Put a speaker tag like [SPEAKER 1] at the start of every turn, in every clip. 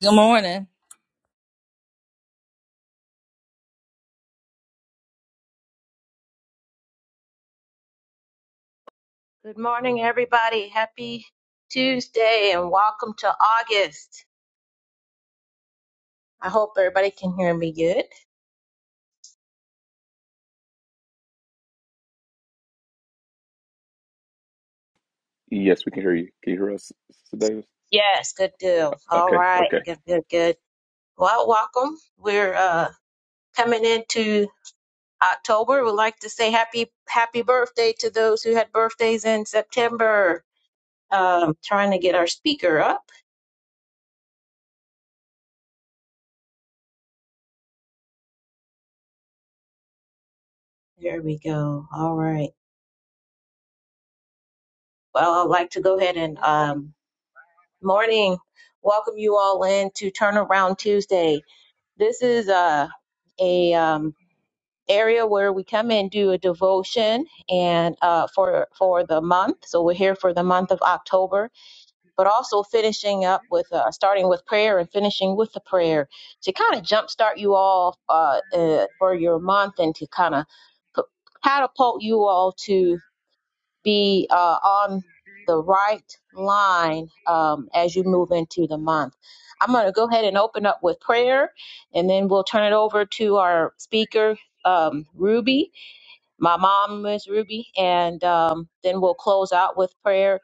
[SPEAKER 1] Good morning.
[SPEAKER 2] Good morning, everybody. Happy Tuesday and welcome to August. I hope everybody can hear me good.
[SPEAKER 3] Yes, we can hear you. Can you hear us, Sister Davis?
[SPEAKER 2] Yes, good deal. All
[SPEAKER 3] Okay,
[SPEAKER 2] right,
[SPEAKER 3] okay.
[SPEAKER 2] good, good, good. Well, welcome. We're uh, coming into October. We'd like to say happy, happy birthday to those who had birthdays in September. Um, trying to get our speaker up. There we go. All right. Well, I'd like to go ahead and um, morning. Welcome you all in to Turnaround Tuesday. This is a a um, area where we come and do a devotion and uh, for for the month. So we're here for the month of October, but also finishing up with uh, starting with prayer and finishing with the prayer to kind of jumpstart you all uh, uh, for your month and to kind of catapult you all to be uh, on the right line um, as you move into the month. I'm going to go ahead and open up with prayer, and then we'll turn it over to our speaker, um, Ruby, my mom, Miss Ruby, and um, then we'll close out with prayer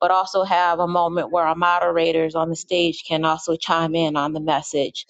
[SPEAKER 2] but also have a moment where our moderators on the stage can also chime in on the message.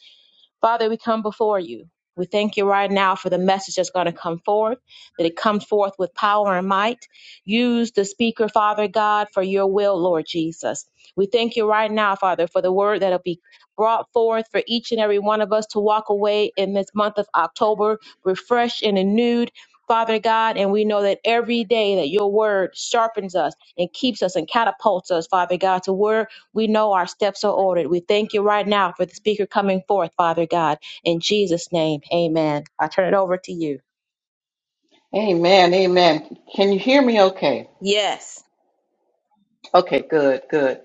[SPEAKER 2] Father, we come before you. We thank you right now for the message that's going to come forth, that it comes forth with power and might. Use the speaker, Father God, for your will, Lord Jesus. We thank you right now, Father, for the word that'll be brought forth for each and every one of us to walk away in this month of October, refreshed and renewed. Father God, and we know that every day that your word sharpens us and keeps us and catapults us, Father God, to where we know our steps are ordered. We thank you right now for the speaker coming forth, Father God. In Jesus' name, amen. I turn it over to you.
[SPEAKER 4] Amen. Amen. Can you hear me okay?
[SPEAKER 2] Yes.
[SPEAKER 4] Okay, good, good.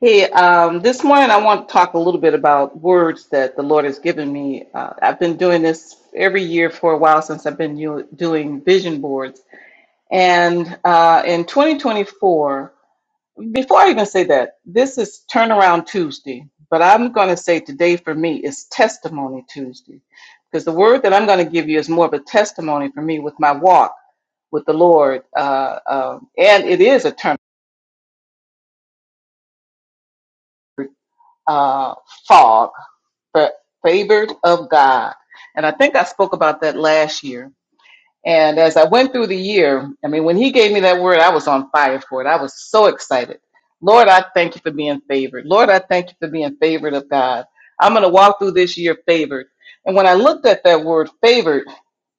[SPEAKER 4] Hey, um, this morning I want to talk a little bit about words that the Lord has given me. Uh, I've been doing this every year for a while since I've been u- doing vision boards. And uh, in 2024, before I even say that, this is Turnaround Tuesday, but I'm going to say today for me is Testimony Tuesday because the word that I'm going to give you is more of a testimony for me with my walk with the Lord. Uh, um, and it is a term, uh, fog, but favored of God. And I think I spoke about that last year And as I went through the year, I mean, when he gave me that word, I was on fire for it. I was so excited. Lord, I thank you for being favored. Lord, I thank you for being favored of God. I'm going to walk through this year favored. And when I looked at that word favored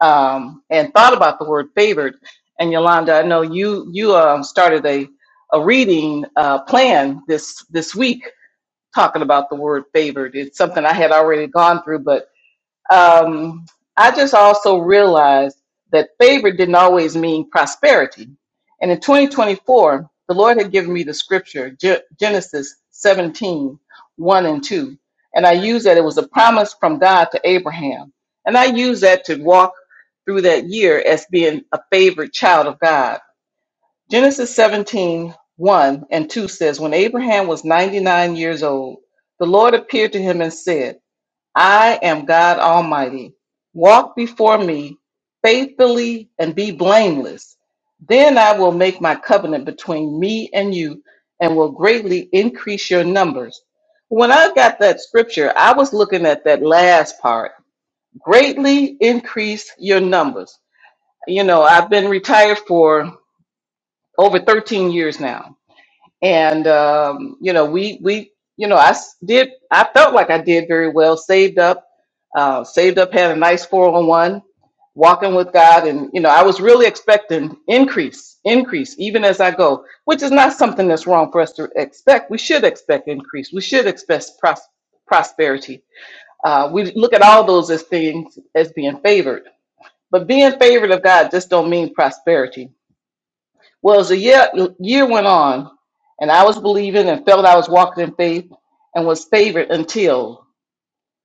[SPEAKER 4] um, and thought about the word favored, and Yolanda, I know you you um, started a a reading uh, plan this this week talking about the word favored. It's something I had already gone through, but um, I just also realized that favor didn't always mean prosperity. And in 2024, the Lord had given me the scripture, Ge- Genesis 17, one and 2. And I used that. It was a promise from God to Abraham. And I used that to walk through that year as being a favored child of God. Genesis 17, one and 2 says, When Abraham was 99 years old, the Lord appeared to him and said, I am God Almighty. Walk before me faithfully and be blameless. Then I will make my covenant between me and you and will greatly increase your numbers. When I got that scripture, I was looking at that last part greatly increase your numbers. You know, I've been retired for over 13 years now and um, you know we we you know i s- did i felt like i did very well saved up uh, saved up had a nice 401 walking with god and you know i was really expecting increase increase even as i go which is not something that's wrong for us to expect we should expect increase we should expect pros- prosperity uh, we look at all those as things as being favored but being favored of god just don't mean prosperity well, as the year, year went on, and I was believing and felt I was walking in faith and was favored until.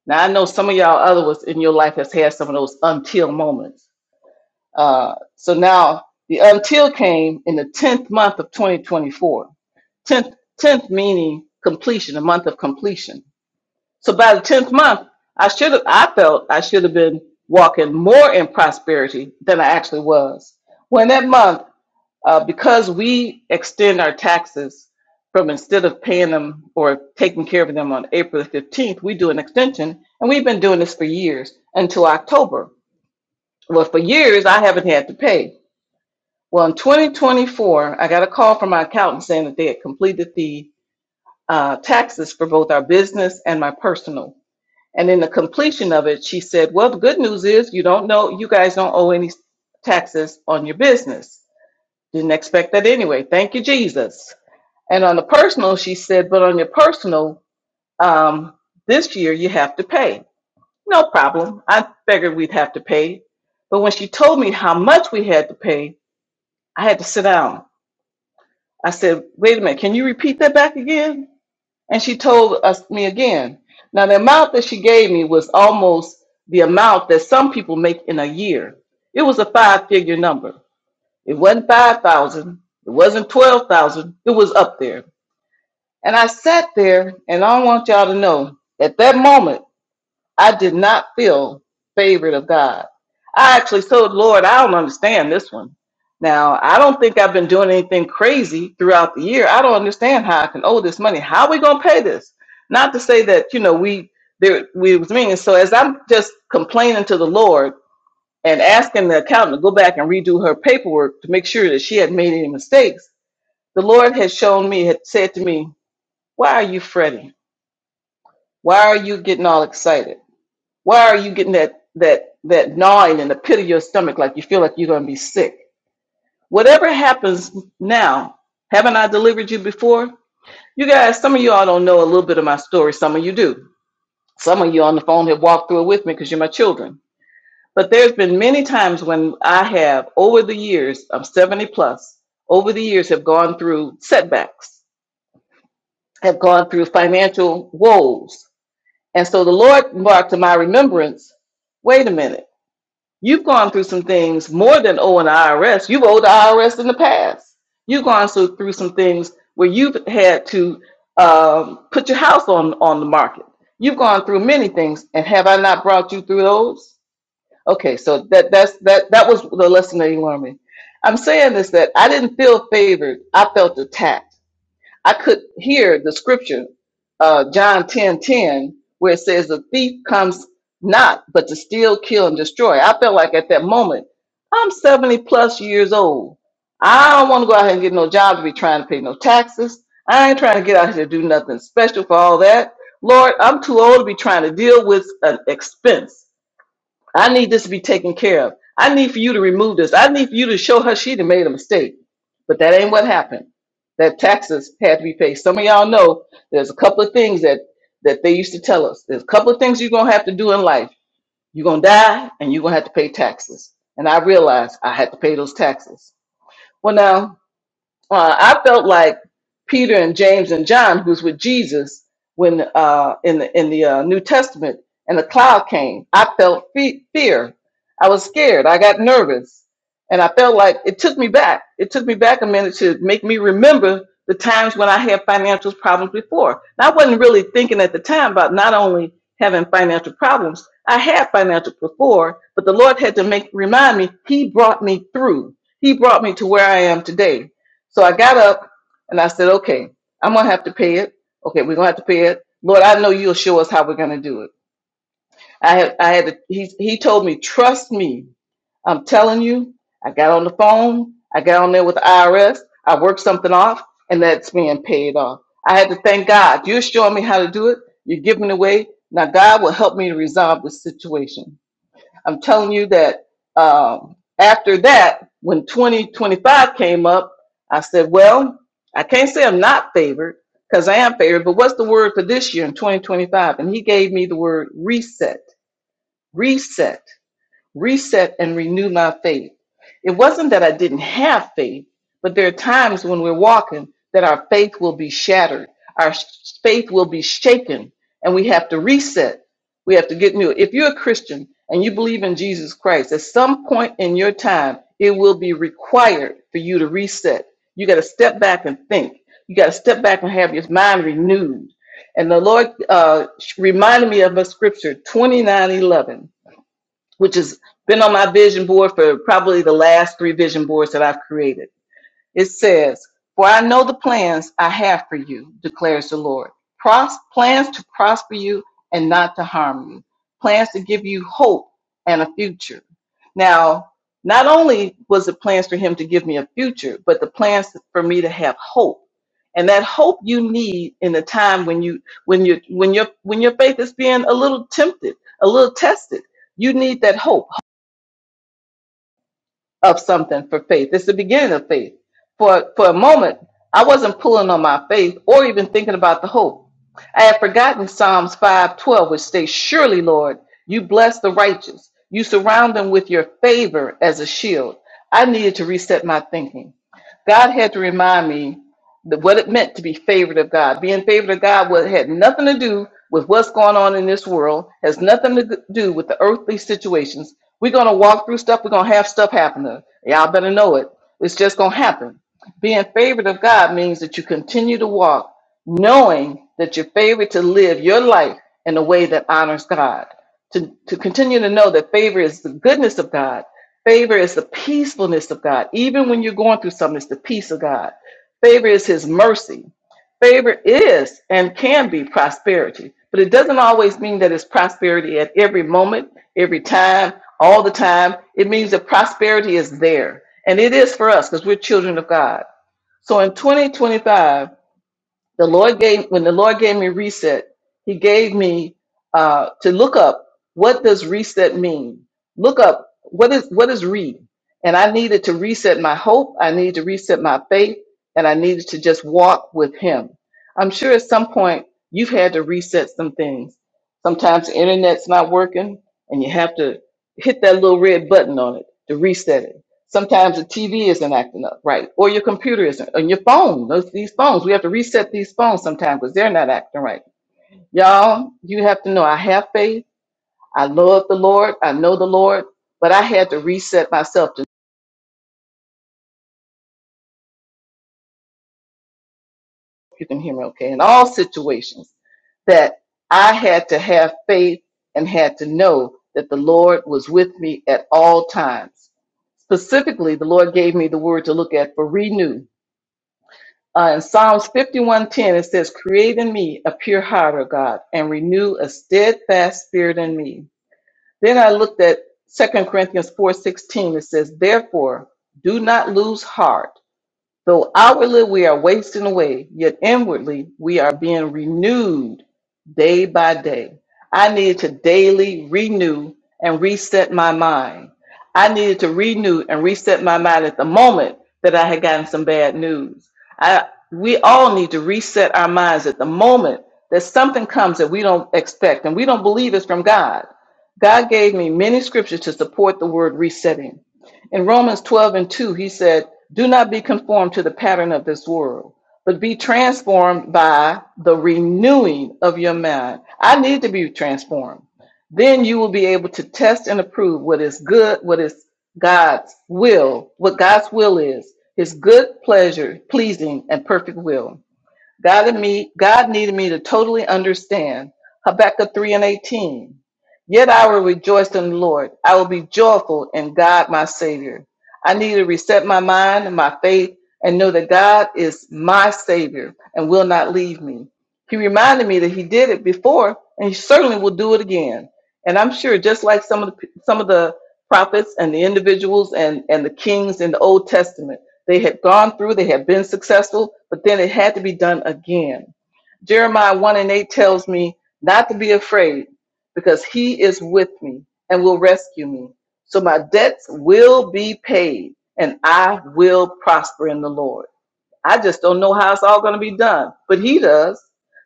[SPEAKER 4] Now, I know some of y'all others in your life has had some of those until moments. Uh, so now the until came in the 10th month of 2024. 10th, 10th meaning completion, a month of completion. So by the 10th month, I should have, I felt I should have been walking more in prosperity than I actually was. When that month uh, because we extend our taxes from instead of paying them or taking care of them on April the 15th, we do an extension. And we've been doing this for years until October. Well, for years, I haven't had to pay. Well, in 2024, I got a call from my accountant saying that they had completed the uh, taxes for both our business and my personal. And in the completion of it, she said, Well, the good news is you don't know, you guys don't owe any taxes on your business. Didn't expect that anyway. Thank you, Jesus. And on the personal, she said, but on your personal, um, this year you have to pay. No problem. I figured we'd have to pay. But when she told me how much we had to pay, I had to sit down. I said, wait a minute, can you repeat that back again? And she told us me again. Now the amount that she gave me was almost the amount that some people make in a year. It was a five figure number. It wasn't five thousand, it wasn't twelve thousand, it was up there. And I sat there, and I want y'all to know at that moment, I did not feel favored of God. I actually told the Lord, I don't understand this one. Now, I don't think I've been doing anything crazy throughout the year. I don't understand how I can owe this money. How are we going to pay this? Not to say that, you know, we, there, we was meaning. So as I'm just complaining to the Lord and asking the accountant to go back and redo her paperwork to make sure that she had made any mistakes, the Lord had shown me, had said to me, why are you fretting? Why are you getting all excited? Why are you getting that that that gnawing in the pit of your stomach like you feel like you're going to be sick? Whatever happens now, haven't I delivered you before? You guys, some of you all don't know a little bit of my story. Some of you do. Some of you on the phone have walked through it with me because you're my children. But there's been many times when I have, over the years, I'm 70 plus, over the years have gone through setbacks, have gone through financial woes, And so the Lord brought to my remembrance, wait a minute, you've gone through some things more than owing the IRS. You've owed the IRS in the past. You've gone so- through some things where you've had to um, put your house on, on the market. You've gone through many things, and have I not brought you through those? Okay, so that that's that that was the lesson that you learned me. I'm saying this that I didn't feel favored. I felt attacked I could hear the scripture, uh, John ten ten, where it says, The thief comes not but to steal, kill, and destroy. I felt like at that moment, I'm 70 plus years old. I don't want to go out here and get no job to be trying to pay no taxes. I ain't trying to get out here to do nothing special for all that. Lord, I'm too old to be trying to deal with an expense. I need this to be taken care of. I need for you to remove this. I need for you to show her she done made a mistake. But that ain't what happened. That taxes had to be paid. Some of y'all know there's a couple of things that that they used to tell us. There's a couple of things you're gonna have to do in life. You're gonna die and you're gonna have to pay taxes. And I realized I had to pay those taxes. Well now uh, I felt like Peter and James and John, who's with Jesus when uh, in the in the uh, New Testament, and the cloud came. I felt fe- fear. I was scared. I got nervous, and I felt like it took me back. It took me back a minute to make me remember the times when I had financial problems before. And I wasn't really thinking at the time about not only having financial problems. I had financial before, but the Lord had to make remind me. He brought me through. He brought me to where I am today so I got up and I said, okay, I'm going to have to pay it. Okay, we're going to have to pay it. Lord, I know you'll show us how we're going to do it. I had, I had, to, he, he told me, trust me. I'm telling you, I got on the phone. I got on there with the IRS. I worked something off and that's being paid off. I had to thank God. You're showing me how to do it. You're giving it away. Now God will help me to resolve this situation. I'm telling you that um, after that, when 2025 came up, I said, well, I can't say I'm not favored because I am favored, but what's the word for this year in 2025? And he gave me the word reset. Reset reset and renew my faith. It wasn't that I didn't have faith, but there are times when we're walking that our faith will be shattered, our s- faith will be shaken, and we have to reset. We have to get new. If you're a Christian and you believe in Jesus Christ, at some point in your time, it will be required for you to reset. You got to step back and think. You got to step back and have your mind renewed. And the Lord uh, reminded me of a scripture, 29 11 which has been on my vision board for probably the last three vision boards that I've created. It says, For I know the plans I have for you, declares the Lord. Pros- plans to prosper you and not to harm you, plans to give you hope and a future. Now, not only was the plans for him to give me a future, but the plans for me to have hope. And that hope you need in a time when you when you when your when your faith is being a little tempted, a little tested. You need that hope of something for faith. It's the beginning of faith. For for a moment, I wasn't pulling on my faith or even thinking about the hope. I had forgotten Psalms 5:12, which states, Surely, Lord, you bless the righteous. You surround them with your favor as a shield. I needed to reset my thinking. God had to remind me the- what it meant to be favored of God. Being favored of God what had nothing to do with what's going on in this world, has nothing to do with the earthly situations. We're going to walk through stuff. We're going to have stuff happen. to us. Y'all better know it. It's just going to happen. Being favored of God means that you continue to walk knowing that you're favored to live your life in a way that honors God. To, to continue to know that favor is the goodness of God. Favor is the peacefulness of God. Even when you're going through something, it's the peace of God Favor is his mercy. Favor is and can be prosperity, but it doesn't always mean that it's prosperity at every moment, every time, all the time. It means that prosperity is there, and it is for us because we're children of God. So in 2025, the Lord gave when the Lord gave me reset, He gave me uh, to look up what does reset mean. Look up what is what is read, and I needed to reset my hope. I needed to reset my faith, and I needed to just walk with Him. I'm sure at some point you've had to reset some things. Sometimes the internet's not working, and you have to hit that little red button on it to reset it. Sometimes the TV isn't acting up right, or your computer isn't, and your phone. Those these phones, we have to reset these phones sometimes because they're not acting right. Y'all, you have to know. I have faith. I love the Lord. I know the Lord, but I had to reset myself. To you can hear me, okay? In all situations, that I had to have faith and had to know that the Lord was with me at all times. Specifically, the Lord gave me the word to look at for renew. Uh, in Psalms 51:10, it says, Create in me a pure heart, O God, and renew a steadfast spirit in me. Then I looked at 2 Corinthians 4:16. It says, Therefore, do not lose heart Though outwardly we are wasting away, yet inwardly we are being renewed day by day. I needed to daily renew and reset my mind. I needed to renew and reset my mind at the moment that I had gotten some bad news. I, we all need to reset our minds at the moment that something comes that we don't expect and we don't believe is from God. God gave me many scriptures to support the word resetting. In Romans 12 and 2, he said, Do not be conformed to the pattern of this world, but be transformed by the renewing of your mind. I need to be transformed. Then you will be able to test and approve what is good, what is God's will, what God's will is, his good pleasure, pleasing, and perfect will. God, and me, God needed me to totally understand Habakkuk 3 and 18. Yet I will rejoice in the Lord. I will be joyful in God, my Savior. I need to reset my mind and my faith and know that God is my Savior and will not leave me. He reminded me that He did it before and He certainly will do it again. And I'm sure, just like some of the, some of the prophets and the individuals and, and the kings in the Old Testament, they had gone through, they had been successful, but then it had to be done again. Jeremiah 1 and 8 tells me not to be afraid because he is with me and will rescue me. So my debts will be paid and I will prosper in the Lord. I just don't know how it's all going to be done, but he does.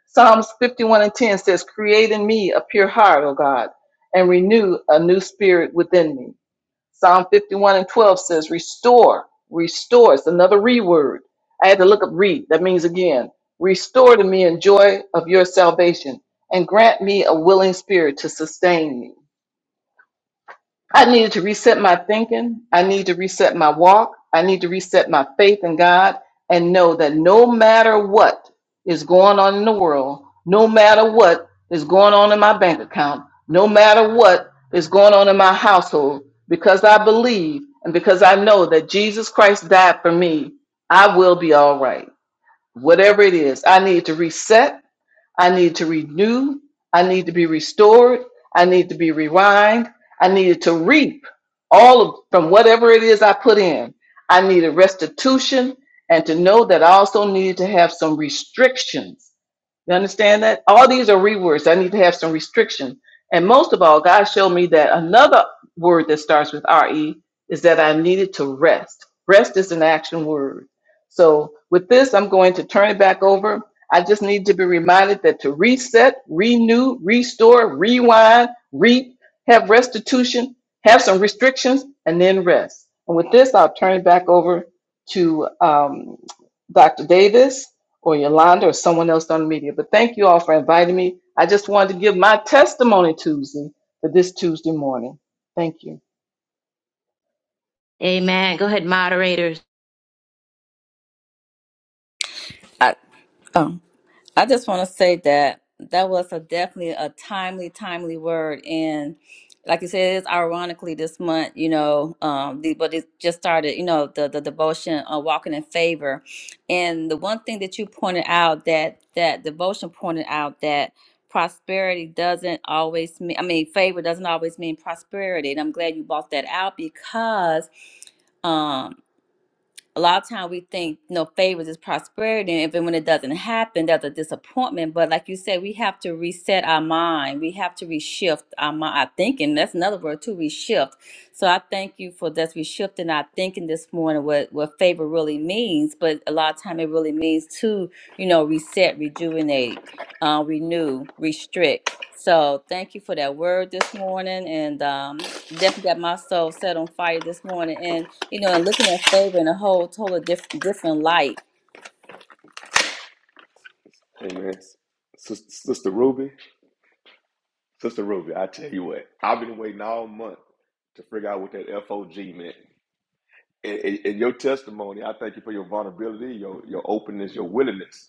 [SPEAKER 4] Psalms 51 and 10 says, Create in me a pure heart, O God, and renew a new spirit within me. Psalm 51 and 12 says, Restore, restore. It's another re word. I had to look up read. That means again, restore to me in joy of your salvation and grant me a willing spirit to sustain me. I needed to reset my thinking. I need to reset my walk. I need to reset my faith in God and know that no matter what is going on in the world, no matter what is going on in my bank account, no matter what is going on in my household, because I believe and because I know that Jesus Christ died for me, I will be all right. Whatever it is, I need to reset. I need to renew. I need to be restored. I need to be rewind. I needed to reap all of from whatever it is I put in. I needed restitution and to know that I also needed to have some restrictions. You understand that? All these are rewords. I need to have some restrictions. And most of all, God showed me that another word that starts with RE is that I needed to rest. Rest is an action word. So with this, I'm going to turn it back over I just need to be reminded that to reset, renew, restore, rewind, reap, have restitution, have some restrictions, and then rest. And with this, I'll turn it back over to um, Dr. Davis or Yolanda or someone else on the media. But thank you all for inviting me. I just wanted to give my testimony Tuesday for this Tuesday morning. Thank you.
[SPEAKER 2] Amen. Go ahead, moderators.
[SPEAKER 1] I um I just want to say that that was a definitely a timely, timely word, and like you said, it's ironically this month, you know, um, the, but it just started, you know, the the devotion uh, walking in favor, and the one thing that you pointed out that that devotion pointed out that prosperity doesn't always mean i mean favor doesn't always mean prosperity and i'm glad you brought that out because um, a lot of times we think no favors is prosperity and even when it doesn't happen that's a disappointment but like you said we have to reset our mind we have to reshift our mind our thinking that's another word too reshift so i thank you for this reshifting our thinking this morning what what favor really means but a lot of time it really means to you know reset rejuvenate uh, renew restrict so thank you for that word this morning and um, definitely got my soul set on fire this morning and you know, and looking at favor in a whole total diff- different light
[SPEAKER 3] Amen. Sis- Sister Ruby, Sister Ruby, I tell you what, I've been waiting all month to figure out what that FOG meant. And, and- and your testimony, I thank you for your vulnerability, your your openness, your willingness.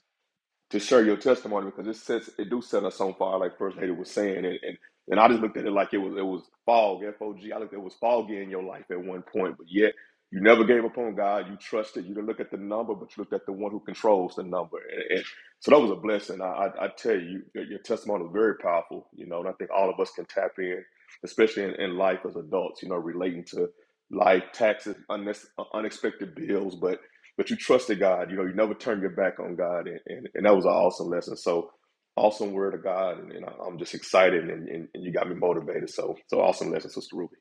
[SPEAKER 3] to share your testimony because it sets it do set us on fire, like First Lady was saying, and and, and I just looked at it like it was it was fog, F O G. I looked it was foggy in your life at one point, but yet you never gave up on God. You trusted. You didn't look at the number, but you looked at the one who controls the number, and, and so that was a blessing. I, I, I tell you, your, your testimony was very powerful, you know, and I think all of us can tap in, especially in, in life as adults, you know, relating to life, taxes, unnecess- unexpected bills, but but you trusted God. You know, you never turned your back on God, and, and, and that was an awesome lesson. So awesome word of God, and, and I'm just excited, and, and, and you got me motivated. So so awesome lesson, Sister Ruby.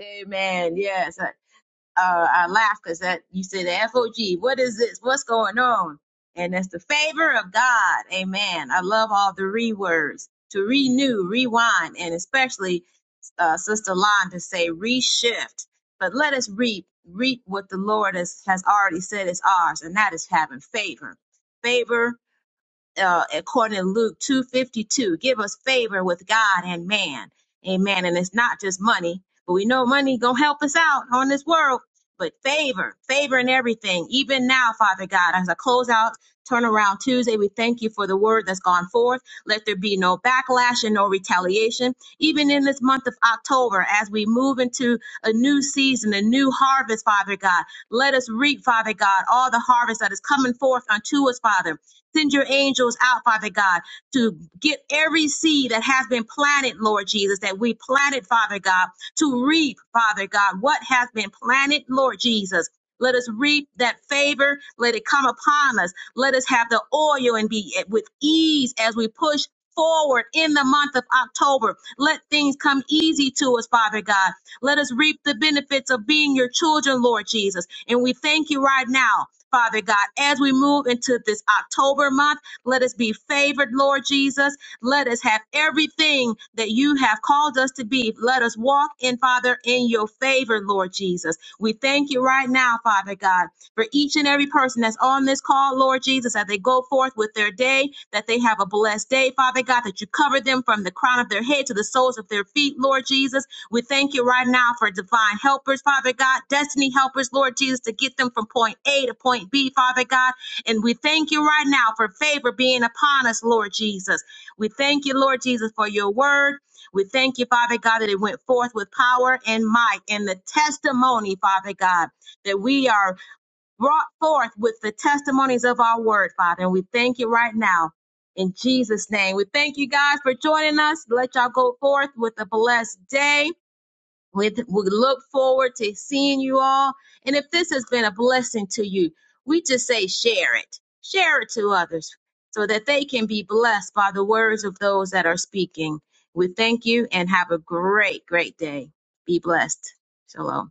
[SPEAKER 2] Amen. Yes. I- Uh, I laughed because that you said the FOG. What is this? What's going on? And it's the favor of God. Amen. I love all the rewords to renew, rewind, and especially uh, Sister Lon to say reshift, but let us reap reap what the Lord has, has already said is ours, and that is having favor. Favor uh, according to Luke 252. Give us favor with God and man. Amen. And it's not just money, but we know money gonna help us out on this world. But favor, favor in everything, even now, Father God, as I close out Turnaround Tuesday, we thank you for the word that's gone forth. Let there be no backlash and no retaliation, even in this month of October, as we move into a new season, a new harvest, Father God. Let us reap, Father God, all the harvest that is coming forth unto us, Father. Send your angels out, Father God, to get every seed that has been planted, Lord Jesus, that we planted, Father God, to reap, Father God, what has been planted, Lord Jesus. Let us reap that favor. Let it come upon us. Let us have the oil and be with ease as we push forward in the month of October. Let things come easy to us, Father God. Let us reap the benefits of being your children, Lord Jesus. And we thank you right now. Father God, as we move into this October month, let us be favored, Lord Jesus. Let us have everything that you have called us to be. Let us walk in, Father, in your favor, Lord Jesus. We thank you right now, Father God, for each and every person that's on this call, Lord Jesus, as they go forth with their day, that they have a blessed day, Father God, that you cover them from the crown of their head to the soles of their feet, Lord Jesus we thank you right now for divine helpers, Father God, destiny helpers, Lord Jesus, to get them from point A to point B, Father God. And we thank you right now for favor being upon us, Lord Jesus. We thank you, Lord Jesus, for your word. We thank you, Father God, that it went forth with power and might and the testimony, Father God, that we are brought forth with the testimonies of our word, Father. And we thank you right now in Jesus' name. We thank you guys for joining us. Let y'all go forth with a blessed day. We, we look forward to seeing you all. And if this has been a blessing to you, we just say share it. Share it to others so that they can be blessed by the words of those that are speaking. We thank you and have a great, great day. Be blessed. Shalom.